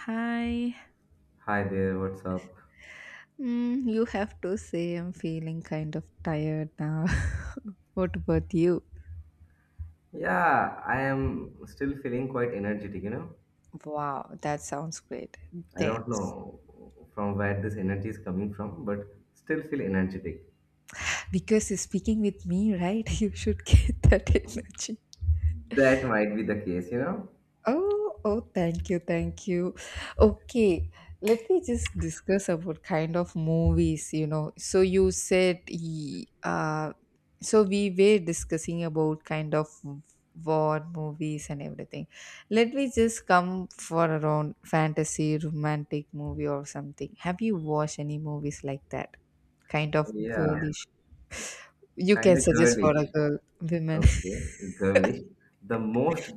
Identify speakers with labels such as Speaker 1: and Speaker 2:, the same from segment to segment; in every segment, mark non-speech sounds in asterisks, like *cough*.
Speaker 1: Hi.
Speaker 2: Hi there, what's up?
Speaker 1: You have to say I'm feeling kind of tired now. *laughs* What about you?
Speaker 2: Yeah, I am still feeling quite energetic, you know.
Speaker 1: Wow, that sounds great.
Speaker 2: I don't
Speaker 1: Thanks.
Speaker 2: know from where this energy is coming from, but still feel energetic.
Speaker 1: Because you're speaking with me, right? *laughs* You should get that *laughs* energy.
Speaker 2: That might be the case, you know.
Speaker 1: Oh, oh, thank you, thank you. Okay, let me just discuss about kind of movies. So you said, so we were discussing about kind of war movies and everything. Let me just come for around fantasy, romantic movie or something. Have you watched any movies like that? Kind of
Speaker 2: Yeah,
Speaker 1: girlish. You can
Speaker 2: kind of
Speaker 1: suggest for a
Speaker 2: girlish.
Speaker 1: girl, women. *laughs*
Speaker 2: Okay, girlish. The most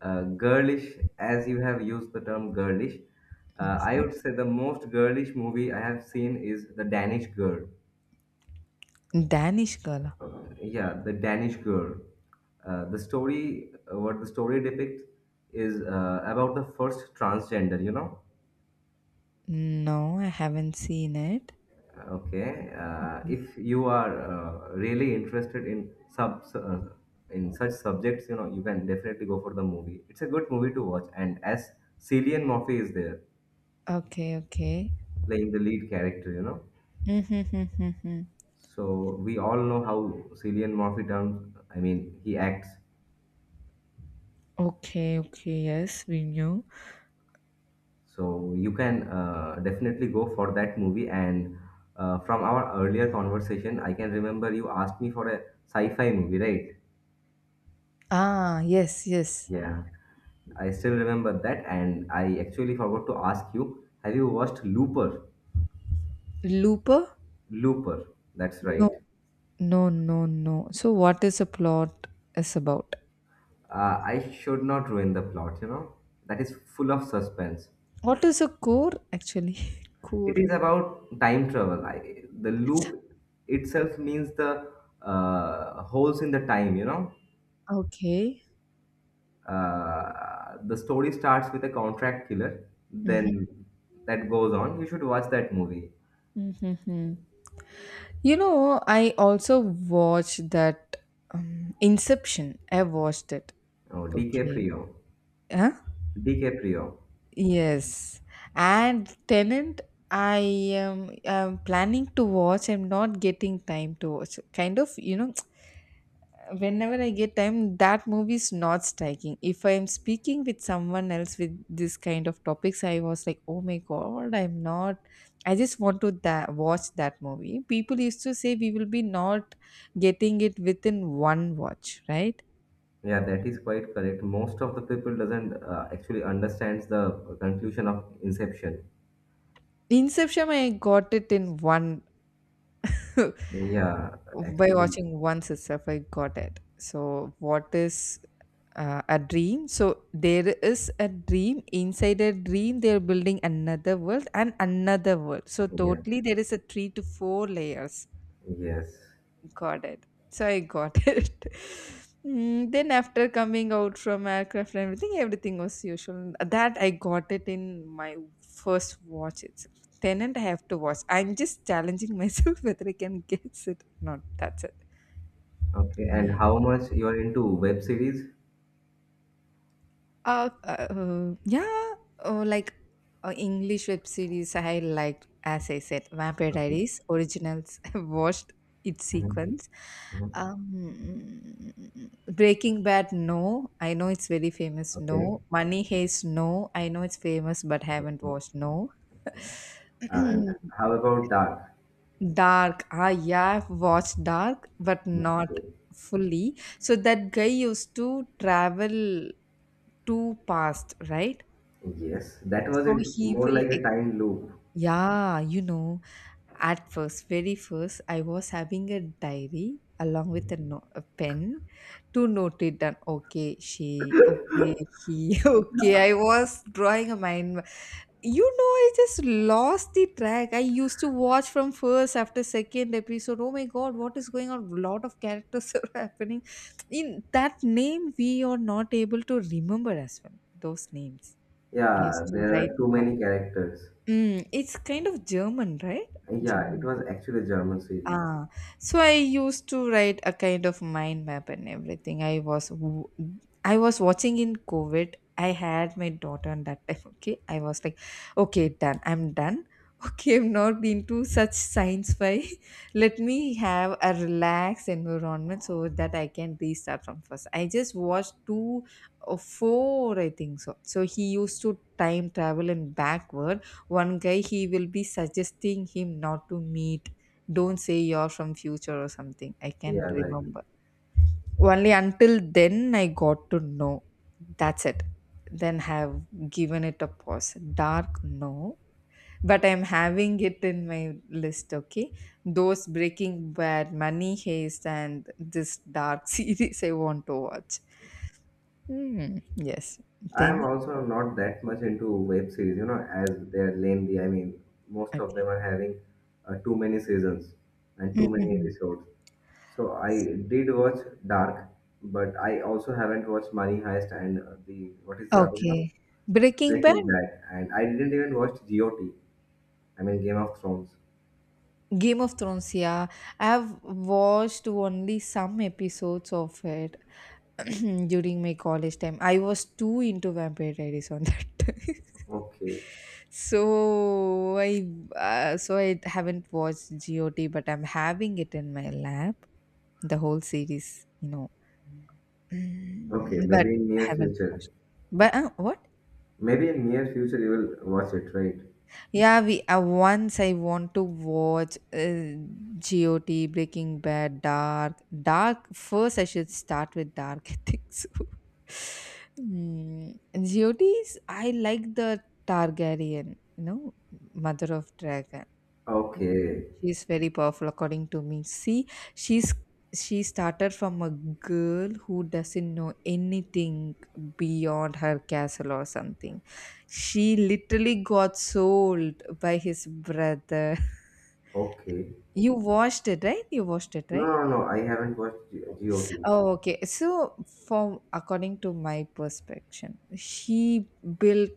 Speaker 2: girlish, as you have used the term girlish, I
Speaker 1: Mhm.
Speaker 2: would say the most girlish movie I have seen is The Danish Girl.
Speaker 1: Danish Girl.
Speaker 2: Yeah, the Danish Girl. The story what the story depicts is about the first transgender, you know.
Speaker 1: No, I haven't seen it.
Speaker 2: Okay, if you are really interested in sub in such subjects, you know, you can definitely go for the movie. It's a good movie to watch. And as Cillian Murphy is there
Speaker 1: Okay, okay.
Speaker 2: playing the lead character, you know,
Speaker 1: Mm-hmm, mm-hmm, mm-hmm.
Speaker 2: so we all know how Cillian Murphy turns, I mean, he acts.
Speaker 1: Okay, okay, yes, we knew.
Speaker 2: So you can definitely go for that movie. And from our earlier conversation, I can remember you asked me for a sci-fi movie, right?
Speaker 1: Ah, yes, yes.
Speaker 2: Yeah, I still remember that. And I actually forgot to ask you, have you watched Looper?
Speaker 1: Looper?
Speaker 2: Looper, that's right.
Speaker 1: No, no, no, no. So, what is a plot is about?
Speaker 2: I should not ruin the plot, you know. That is full of suspense.
Speaker 1: What is a core actually? *laughs* core.
Speaker 2: It is about time travel. I, the loop itself means the holes in the time, you know.
Speaker 1: Okay.
Speaker 2: The story starts with a contract killer,
Speaker 1: Mm-hmm,
Speaker 2: then that goes on. You should watch that movie.
Speaker 1: mm-hmm. You know, I also watched that Inception. I watched it.
Speaker 2: Oh,
Speaker 1: Okay.
Speaker 2: DiCaprio.
Speaker 1: Huh?
Speaker 2: DiCaprio.
Speaker 1: Yes, and Tenant, I I'm planning to watch. I'm not getting time to watch. Kind of, *tsk* whenever I get time, that movie is not striking. If I am speaking with someone else with this kind of topics, I was like, oh my god, I'm not. I just want to watch that movie. People used to say we will be not getting it within one watch, right?
Speaker 2: Yeah, that is quite correct. Most of the people doesn't actually understands the conclusion of Inception.
Speaker 1: Inception, I got it in one *laughs*
Speaker 2: Yeah,
Speaker 1: by
Speaker 2: actually,
Speaker 1: watching once itself I got it. So what is a dream? So there is a dream inside a dream, they're building another world and another world, so
Speaker 2: yeah,
Speaker 1: totally there is a three to four layers.
Speaker 2: yes.
Speaker 1: Got it. So I got *laughs* it. Then after coming out from aircraft and everything was usual that I got it in my first watch itself. Tenant, I have to watch. I'm just challenging myself *laughs* whether I can guess it or not. That's it.
Speaker 2: Okay, and
Speaker 1: Hmm.
Speaker 2: how much you are into web series?
Speaker 1: Yeah, like English web series I liked, as I said, Vampire
Speaker 2: Okay.
Speaker 1: Diaries, originals, *laughs* watched its
Speaker 2: Mhm,
Speaker 1: sequence.
Speaker 2: mhm.
Speaker 1: Um, Breaking Bad, no, I know it's very famous,
Speaker 2: Okay.
Speaker 1: no. Money Heist, no, I know it's famous but haven't
Speaker 2: Okay.
Speaker 1: watched, no.
Speaker 2: And
Speaker 1: *clears throat*
Speaker 2: how about dark?
Speaker 1: Dark, yeah, I've watched Dark, but not
Speaker 2: Okay.
Speaker 1: fully. So that guy used to travel to past, right?
Speaker 2: Yes, that was
Speaker 1: So
Speaker 2: in
Speaker 1: he
Speaker 2: more
Speaker 1: will,
Speaker 2: like a time loop.
Speaker 1: yeah, at first, very first, I was having a diary along with a, no- a pen to note it down. Okay, she, okay, he, *laughs* okay. I was drawing a mind. You know, I just lost the track. I used to watch from first after second episode. Oh my God, what is going on? Lot of characters *laughs* are happening. In that name, we are not able to remember as well, those names. I
Speaker 2: Yeah,
Speaker 1: used to
Speaker 2: there
Speaker 1: write
Speaker 2: are too
Speaker 1: it.
Speaker 2: many characters.
Speaker 1: It's kind of German, right?
Speaker 2: Yeah, it
Speaker 1: German.
Speaker 2: was actually a German series.
Speaker 1: Ah, so I used to write a kind of mind map and everything. I was watching in COVID. I had my daughter on that time. Okay, I was like, okay, done. I'm done. *laughs* Okay, I'm not into such science fi. *laughs* Let me have a relaxed environment so that I can restart from first. I just watched two or four, I think so. So he used to time travel and backward. One guy he will be suggesting him not to meet, don't say you're from future or something. I can't
Speaker 2: Yeah, right.
Speaker 1: remember. Only until then I got to know. That's it. Then have given it a pause. Dark, no. But I'm having it in my list, okay? Those Breaking Bad, Money Heist, and this dark *laughs* series I want to watch. Hmm. Yes.
Speaker 2: I am
Speaker 1: Then,
Speaker 2: also not that much into web series, you know, as they're lengthy. I mean, most of
Speaker 1: okay.
Speaker 2: them are having too many seasons and too
Speaker 1: *laughs*
Speaker 2: many
Speaker 1: Mhm.
Speaker 2: episodes. So I did watch Dark, but I also haven't watched Money Heist and the what is the other one?
Speaker 1: Okay. Breaking
Speaker 2: Breaking
Speaker 1: Bad?
Speaker 2: Bad, and I didn't even watch GOT. I mean, Game of Thrones.
Speaker 1: Game of Thrones, yeah. I have watched only some episodes of it *clears throat* during my college time. I was too into Vampire Diaries on that time. *laughs*
Speaker 2: Okay.
Speaker 1: so I so I haven't watched GOT, but I'm having it in my lap. The whole series. *clears throat*
Speaker 2: Okay,
Speaker 1: But
Speaker 2: maybe in
Speaker 1: I
Speaker 2: near
Speaker 1: haven't
Speaker 2: future.
Speaker 1: watched. But what?
Speaker 2: Maybe in near future you will watch it, right?
Speaker 1: Yeah, we once I want to watch GOT, Breaking Bad, Dark. Dark first, I should start with Dark. *laughs* I think so. Mm. GOTs, I like the Targaryen, you know, mother of dragon.
Speaker 2: Okay,
Speaker 1: She's very powerful, according to me. See, she's she started from a girl who doesn't know anything beyond her castle or something. She literally got sold by his brother. *laughs*
Speaker 2: okay.
Speaker 1: You watched it, right? You watched it,
Speaker 2: No,
Speaker 1: right?
Speaker 2: no, no. I haven't watched GOT.
Speaker 1: Oh, okay. So, from according to my perspective, she built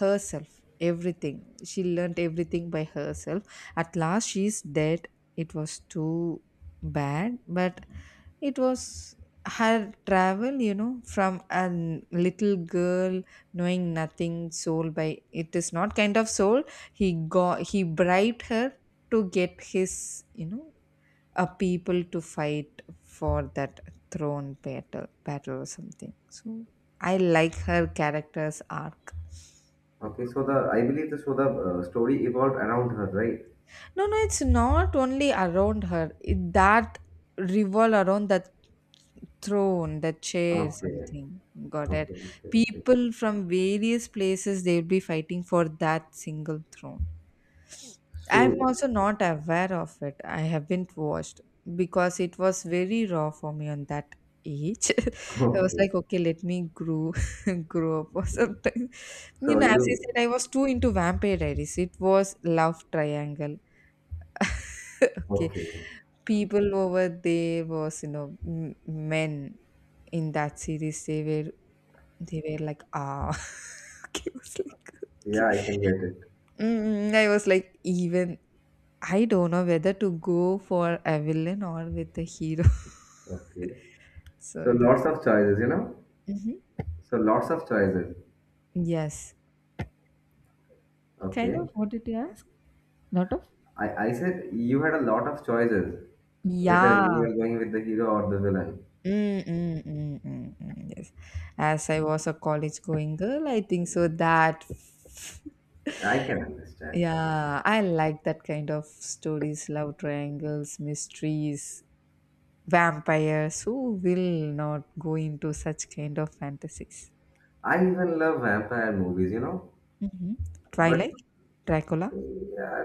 Speaker 1: herself everything. She learned everything by herself. At last, she's dead. It was too bad, but it was her travel. You know, from a little girl knowing nothing, soul by it is not kind of soul. He bribed her to get his. You know a people to fight for that throne, battle or something, so I like her character's arc.
Speaker 2: Okay, so the I believe the so the story evolved around her, right?
Speaker 1: No, no, it's not only around her. It, that revolve around that throne, that chair,
Speaker 2: Okay,
Speaker 1: something. Got it.
Speaker 2: okay, okay, okay.
Speaker 1: People from various places, they'll be fighting for that single throne. I'm
Speaker 2: So,
Speaker 1: also not aware of it. I haven't watched because it was very raw for me on that age. *laughs* I was
Speaker 2: okay,
Speaker 1: like, okay, let me grow up or
Speaker 2: okay.
Speaker 1: something. You
Speaker 2: So
Speaker 1: know, as I
Speaker 2: you,
Speaker 1: said, I was too into Vampire Diaries. It was love triangle. Okay,
Speaker 2: okay.
Speaker 1: people over there was men in that series. They were like *laughs* Okay, I was like okay.
Speaker 2: Yeah, I can get it.
Speaker 1: I was like even I don't know whether to go for a villain or with a hero.
Speaker 2: Okay.
Speaker 1: *laughs* so
Speaker 2: So
Speaker 1: it is-
Speaker 2: lots of choices, you know.
Speaker 1: Mhm.
Speaker 2: So lots of choices.
Speaker 1: Yes, kind
Speaker 2: Okay.
Speaker 1: of. What did you ask? Lot of.
Speaker 2: I said you had a lot of choices, whether you
Speaker 1: Yeah.
Speaker 2: are going with the hero or the villain.
Speaker 1: Mm, mm, mm, mm, mm, yes. As I was a college going girl, I think so that *laughs*
Speaker 2: I can understand.
Speaker 1: yeah, I like that kind of stories, love triangles, mysteries, vampires. Who will not go into such kind of fantasies?
Speaker 2: I even love vampire movies, you know.
Speaker 1: Hmm.
Speaker 2: But
Speaker 1: Twilight, Dracula.
Speaker 2: yeah,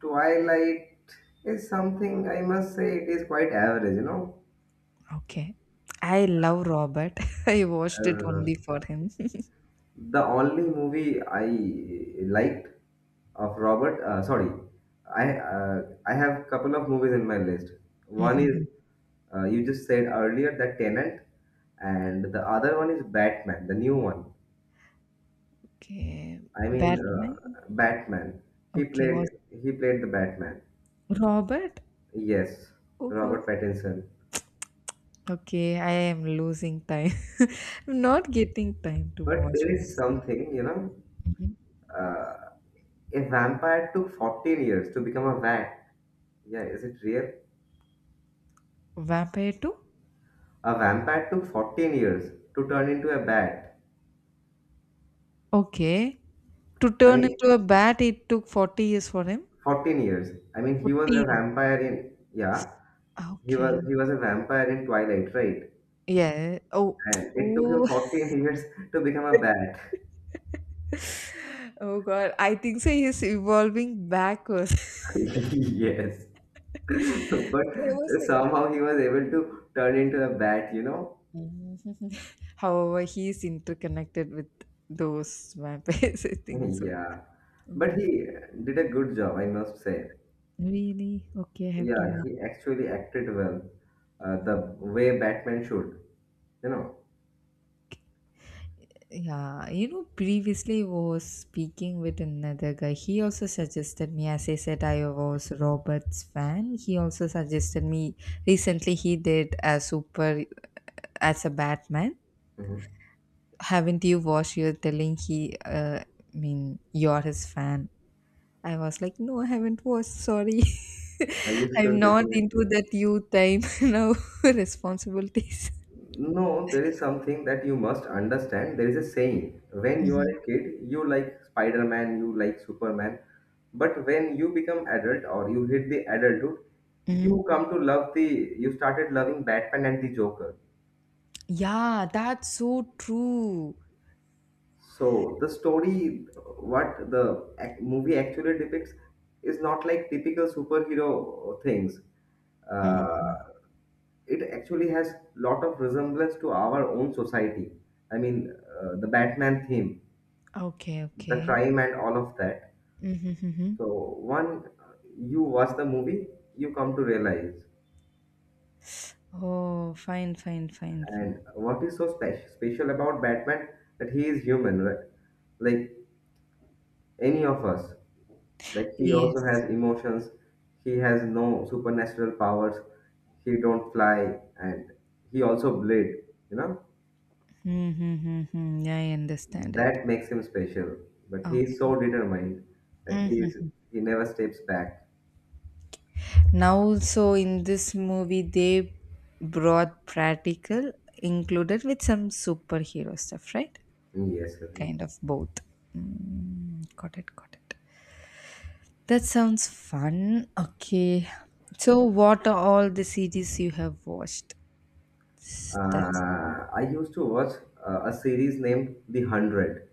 Speaker 2: Twilight is something I must say it is quite average, you know.
Speaker 1: Okay. I love Robert. *laughs* I watched it
Speaker 2: Uh,
Speaker 1: only for him. *laughs*
Speaker 2: The only movie I liked of Robert, sorry, I have couple of movies in my list. One is
Speaker 1: Mhm.
Speaker 2: you just said earlier, The Tenant, and the other one is Batman, the new one.
Speaker 1: Okay.
Speaker 2: I mean,
Speaker 1: Batman.
Speaker 2: Batman. He
Speaker 1: Okay,
Speaker 2: played
Speaker 1: was
Speaker 2: he played the Batman.
Speaker 1: Robert.
Speaker 2: Yes,
Speaker 1: Oh God.
Speaker 2: Robert Pattinson.
Speaker 1: Okay, I am losing time. *laughs* I'm not getting time to
Speaker 2: But
Speaker 1: watch
Speaker 2: there is
Speaker 1: movies.
Speaker 2: something, you know,
Speaker 1: Mhm.
Speaker 2: uh, a vampire took 14 years to become a vat. Yeah, is it real?
Speaker 1: Vampire 2?
Speaker 2: A vampire took 14 years to turn into a bat.
Speaker 1: Okay. To
Speaker 2: I
Speaker 1: turn
Speaker 2: mean,
Speaker 1: into a bat, it took 40 years for him.
Speaker 2: 14 years. I mean,
Speaker 1: 14.
Speaker 2: he was
Speaker 1: Okay.
Speaker 2: a vampire in Twilight, right?
Speaker 1: Yeah. Oh. *tsk*
Speaker 2: And it took him
Speaker 1: Oh.
Speaker 2: 14 *laughs* years to become a bat.
Speaker 1: *laughs* Oh God. I think so. He's evolving backwards.
Speaker 2: *laughs* Yes.
Speaker 1: *laughs*
Speaker 2: *laughs*
Speaker 1: Okay,
Speaker 2: But
Speaker 1: I was like,
Speaker 2: somehow he was able to turn into a bat, you know?
Speaker 1: mhm. *laughs* However, he's interconnected with those vampires. *laughs* I think
Speaker 2: *laughs*
Speaker 1: so.
Speaker 2: Yeah. But he did a good job, I must say.
Speaker 1: Really? Okay, I have Yeah.
Speaker 2: Yeah,
Speaker 1: to.
Speaker 2: he actually acted well, the way Batman should, you know?
Speaker 1: Yeah, Yeah, previously I was speaking with another guy. He also suggested me, as I said, I was Robert's fan. He also suggested me recently he did a super as a Batman.
Speaker 2: Mhm.
Speaker 1: Haven't you watched? You're telling he, I mean, you're his fan. I was like, no, I haven't watched. Sorry.
Speaker 2: You
Speaker 1: *laughs* I'm
Speaker 2: should
Speaker 1: not
Speaker 2: definitely.
Speaker 1: into that youth time *laughs* now responsibilities.
Speaker 2: No, there is something that you must understand. There is a saying when you are
Speaker 1: Mm-hmm.
Speaker 2: a kid, you like Spider Man, you like Superman. But when you become adult or you hit the adulthood, you come to love the, you started loving Batman and the Joker.
Speaker 1: Yeah, that's so true.
Speaker 2: So the story, what the movie actually depicts, is not like typical superhero things. Uh,
Speaker 1: Mm.
Speaker 2: it actually has lot of resemblance to our own society. I mean, the Batman theme,
Speaker 1: Okay,
Speaker 2: the
Speaker 1: okay.
Speaker 2: crime and all of that.
Speaker 1: Mm-hmm.
Speaker 2: So one, you watch the movie, you come to realize.
Speaker 1: Oh, fine, fine, fine, fine.
Speaker 2: And what is so special about Batman that he is human, right? Like any of us. Like he also
Speaker 1: Yes.
Speaker 2: has emotions. He has no supernatural powers. He don't fly, and he also blade. You know
Speaker 1: Mm-hmm. I understand it.
Speaker 2: that makes him special. But he is so
Speaker 1: Okay.
Speaker 2: determined that
Speaker 1: Mm-hmm.
Speaker 2: he never steps back.
Speaker 1: Now, so in this movie, they brought practical included with some superhero stuff, right?
Speaker 2: Yes, sir.
Speaker 1: Kind of both. Got it, got it. That sounds fun. Okay. So, what are all the series you have watched? That's it.
Speaker 2: I used to watch a series named The Hundred.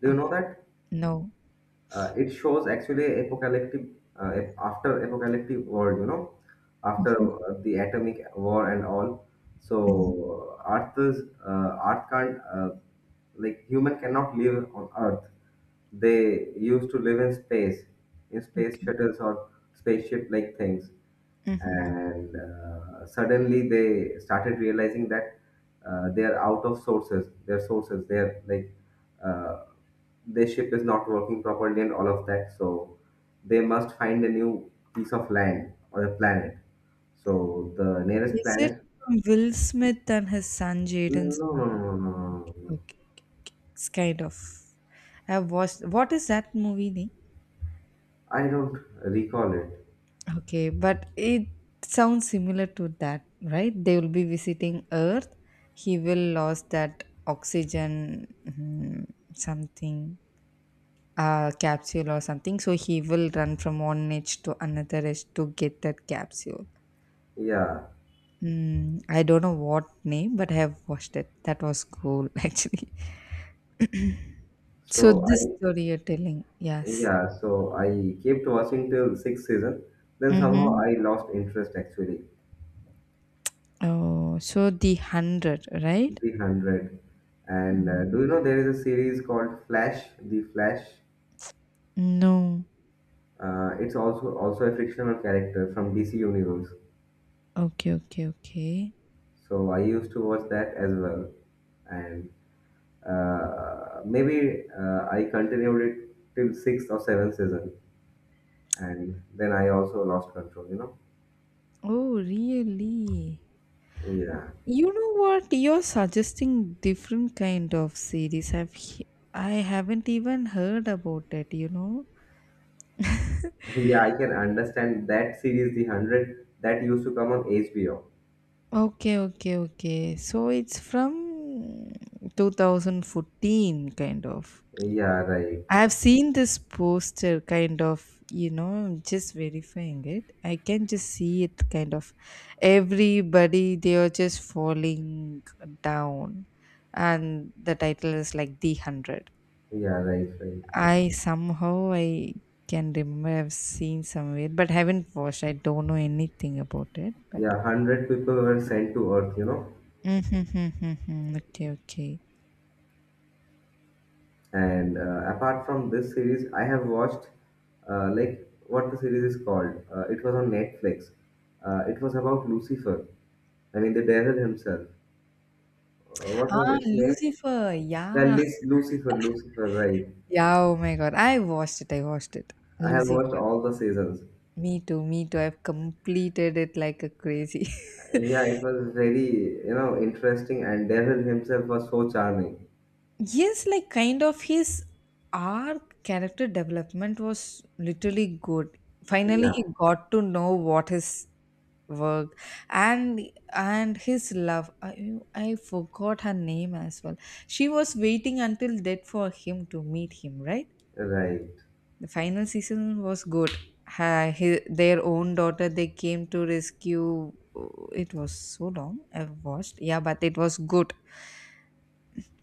Speaker 2: Do you know
Speaker 1: Okay.
Speaker 2: that?
Speaker 1: No.
Speaker 2: It shows actually apocalyptic after apocalyptic world. You know, after
Speaker 1: Mhm,
Speaker 2: the atomic war and all.
Speaker 1: mhm,
Speaker 2: So Earth can't like human cannot live on Earth. They used to live in space
Speaker 1: okay.
Speaker 2: shuttles or spaceship like things.
Speaker 1: Mhm.
Speaker 2: And suddenly they started realizing that they are out of sources their sources, they're like uh, their ship is not working properly and all of that. So they must find a new piece of land or a planet, so the nearest
Speaker 1: Is it
Speaker 2: planet.
Speaker 1: from Will Smith and his son
Speaker 2: No,
Speaker 1: Jaden's
Speaker 2: no, no,
Speaker 1: movie?
Speaker 2: no, no, no, no.
Speaker 1: Okay. It's kind of. I've watched. What is that movie name?
Speaker 2: I don't recall it.
Speaker 1: Okay, but it sounds similar to that, right? They will be visiting Earth. He will lose that oxygen, something capsule or something. So he will run from one edge to another edge to get that capsule.
Speaker 2: yeah
Speaker 1: Hmm. I don't know what name, but I have watched it. That was cool, *laughs* actually. *clears throat* So
Speaker 2: so
Speaker 1: this
Speaker 2: i
Speaker 1: story you're telling, yes.
Speaker 2: yeah, so I kept watching till sixth season, then somehow
Speaker 1: Mm-hmm.
Speaker 2: I lost interest actually.
Speaker 1: Oh, so the hundred, right?
Speaker 2: The Hundred. And
Speaker 1: Mm.
Speaker 2: do you know there is a series called Flash, The Flash?
Speaker 1: No.
Speaker 2: It's also a fictional character from DC Universe.
Speaker 1: Okay, okay, okay.
Speaker 2: So I used to watch that as well, and maybe I continued it till sixth or seventh season, and then I also lost control, you know?
Speaker 1: Oh, really?
Speaker 2: Yeah,
Speaker 1: You know what? You're suggesting different kind of series. I haven't even heard about it. You know.
Speaker 2: yeah. I can understand that series, The Hundred, that used to come on HBO.
Speaker 1: Okay, okay, okay. So it's from 2014, kind of.
Speaker 2: Yeah, right.
Speaker 1: I have seen this poster, kind of, I'm just verifying it. I can just see it, kind of. Everybody, they are just falling down. And the title is like The 100.
Speaker 2: Yeah, right, right.
Speaker 1: I somehow, I can remember I've seen somewhere, but haven't watched. I don't know anything about it, but.
Speaker 2: Yeah, hundred people were sent to Earth, you know.
Speaker 1: *laughs* Mm-hmm, okay, okay.
Speaker 2: And apart from this series, I have watched like what the series is called. It was on Netflix. It was about Lucifer. I mean, the devil himself. What was
Speaker 1: Ah,
Speaker 2: its name?
Speaker 1: Lucifer.
Speaker 2: The
Speaker 1: Yeah.
Speaker 2: Lucifer. Lucifer, right?
Speaker 1: Yeah. Oh my God. I watched it. I watched it.
Speaker 2: I have watched
Speaker 1: Lucifer.
Speaker 2: all the seasons.
Speaker 1: Me too. Me too. I've completed it like a crazy. *laughs*
Speaker 2: Yeah, it was very, you know, interesting, and devil himself was so charming.
Speaker 1: Yes, like kind of his arc character development was literally good. Finally,
Speaker 2: Yeah,
Speaker 1: he got to know what his work and and his love. I forgot her name as well. She was waiting until death for him to meet him, right?
Speaker 2: right.
Speaker 1: The final season was good. Ha, hi their own daughter they came to rescue. It was so long I've watched. Yeah, but it was good.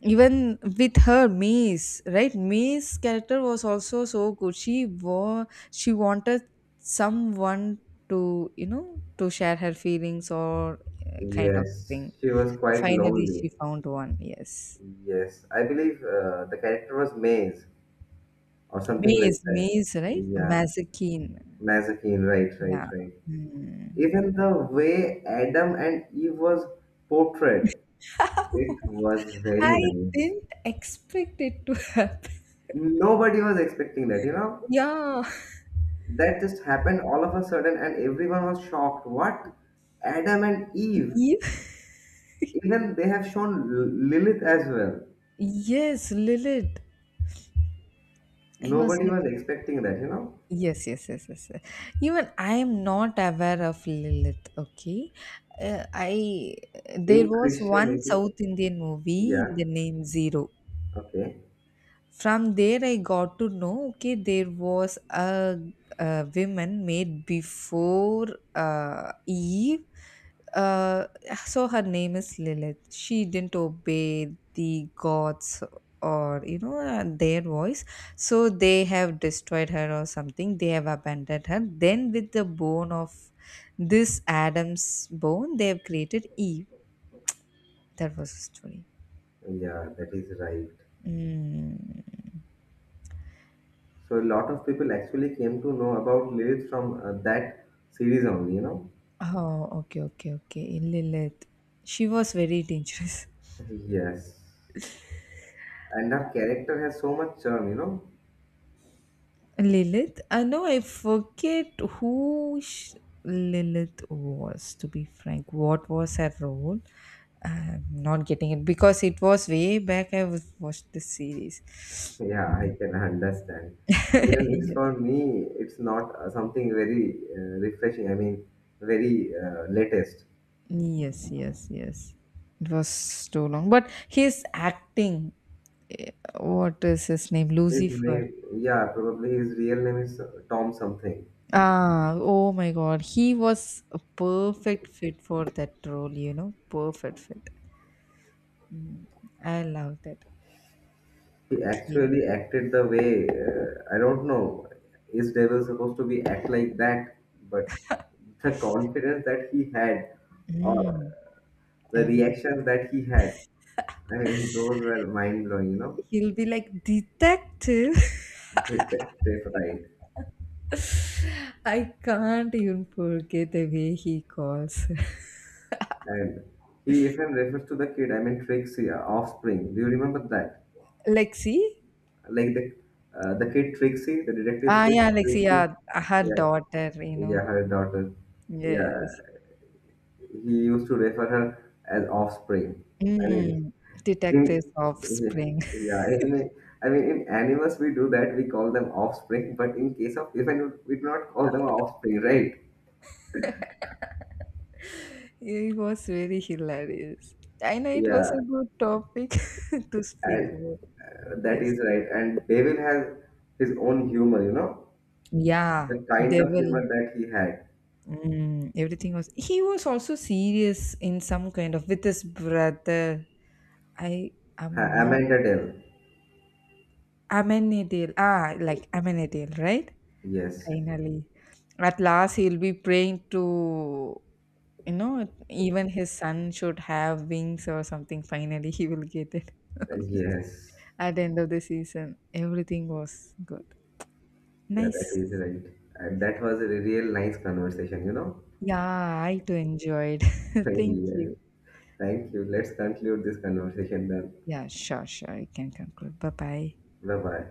Speaker 1: Even with her Mies, right? Mies character was also so good. She wanted someone to to share her feelings or kind of
Speaker 2: Yes,
Speaker 1: thing.
Speaker 2: she was quite
Speaker 1: Finally,
Speaker 2: lonely.
Speaker 1: she found one. Yes,
Speaker 2: Yes, I believe the character was Maze or something
Speaker 1: Mies,
Speaker 2: like that.
Speaker 1: Mies, right?
Speaker 2: Yeah,
Speaker 1: Mazakine.
Speaker 2: Nazarene, right, right,
Speaker 1: Yeah.
Speaker 2: right.
Speaker 1: Hmm.
Speaker 2: Even the way Adam and Eve was portrayed, it
Speaker 1: *laughs*
Speaker 2: was very
Speaker 1: I
Speaker 2: nice.
Speaker 1: didn't expect it to happen.
Speaker 2: Nobody was expecting that, you know?
Speaker 1: Yeah.
Speaker 2: That just happened all of a sudden, and everyone was shocked. What? Adam and Eve.
Speaker 1: Eve?
Speaker 2: Even they have shown Lilith as well.
Speaker 1: Yes, Lilith. I was
Speaker 2: Nobody
Speaker 1: like,
Speaker 2: was expecting that, you know?
Speaker 1: yes, yes, yes, yes, yes. Even I am not aware of Lilith, okay? I there
Speaker 2: In
Speaker 1: was one
Speaker 2: Christianity,
Speaker 1: South Indian movie,
Speaker 2: yeah,
Speaker 1: the name Zero.
Speaker 2: okay,
Speaker 1: From there, I got to know. Okay, there was a woman made before Eve. Uh, so her name is Lilith. She didn't obey the gods or their voice. So they have destroyed her or something. They have abandoned her. Then with the bone of this Adam's bone, they have created Eve. That was the story.
Speaker 2: yeah, that is right.
Speaker 1: Mm.
Speaker 2: So a lot of people actually came to know about Lilith from that series only, you know.
Speaker 1: Oh, okay, okay, okay. Lilith. She was very dangerous.
Speaker 2: Yes. And her character has so much charm, you know.
Speaker 1: *laughs* Lilith? I know I forget who Lilith was, to be frank. What was her role? I'm not getting it because it was way back I was watched the series.
Speaker 2: Yeah, I can *laughs* understand.
Speaker 1: *laughs*
Speaker 2: Even it's
Speaker 1: Yes.
Speaker 2: for me, it's not something very refreshing. I mean, very latest.
Speaker 1: Yes, yes, yes. It was too long. But his acting, what is his name?
Speaker 2: His
Speaker 1: Lucifer.
Speaker 2: name, yeah, probably his real name is Tom something.
Speaker 1: Ah, oh my God. He was a perfect fit for that role, you know. Perfect fit. Mm, I love that.
Speaker 2: He
Speaker 1: Okay.
Speaker 2: actually acted the way I don't know. Is Devil supposed to be act like that? But the confidence that he had, or
Speaker 1: Mm,
Speaker 2: the
Speaker 1: Everything.
Speaker 2: reactions that he had, I mean, those were mind blowing, you know,
Speaker 1: He'll be like, Detective.
Speaker 2: detective, right?
Speaker 1: *laughs* I can't even forget the way he calls. *laughs*
Speaker 2: And he even refers to the kid, I mean, Trixie, offspring. Do you remember that?
Speaker 1: Lexi?
Speaker 2: Like the kid Trixie, the detective's
Speaker 1: Ah,
Speaker 2: kid
Speaker 1: yeah, Lexi.
Speaker 2: Trixie.
Speaker 1: Yeah, her
Speaker 2: Yeah,
Speaker 1: daughter, you
Speaker 2: yeah,
Speaker 1: know.
Speaker 2: her daughter. Yeah,
Speaker 1: Yes.
Speaker 2: he used to refer her as offspring. I mean,
Speaker 1: Mm,
Speaker 2: in
Speaker 1: Detectives of.
Speaker 2: yeah, yeah, I mean, in animals we do that. We call them offspring, but in case of even we do not call them offspring, right?
Speaker 1: It was very hilarious. I know it was a
Speaker 2: Yeah.
Speaker 1: good topic *laughs* to speak
Speaker 2: And
Speaker 1: about.
Speaker 2: that
Speaker 1: Yes.
Speaker 2: is right. And Devil has his own humor, you know,
Speaker 1: Yeah.
Speaker 2: the kind of
Speaker 1: Devil.
Speaker 2: humor that he had.
Speaker 1: Everything was. He was also serious in some kind of with his brother. I am
Speaker 2: Ha-
Speaker 1: not.
Speaker 2: Amanda Devil.
Speaker 1: Amenadale. Ah, like Amenadale, right?
Speaker 2: Yes.
Speaker 1: Finally. At last, he'll be praying to, even his son should have wings or something. Finally, he will get it.
Speaker 2: Yes.
Speaker 1: At the end of the season, everything was good.
Speaker 2: Yeah, that
Speaker 1: Nice.
Speaker 2: is right. And that was a real nice conversation, you know.
Speaker 1: Yeah, I too enjoyed.
Speaker 2: *laughs*
Speaker 1: *laughs* Thank
Speaker 2: Yeah.
Speaker 1: you.
Speaker 2: Thank you. Let's conclude this conversation then.
Speaker 1: Yeah, sure, sure. You can conclude. Bye bye.
Speaker 2: Bye bye.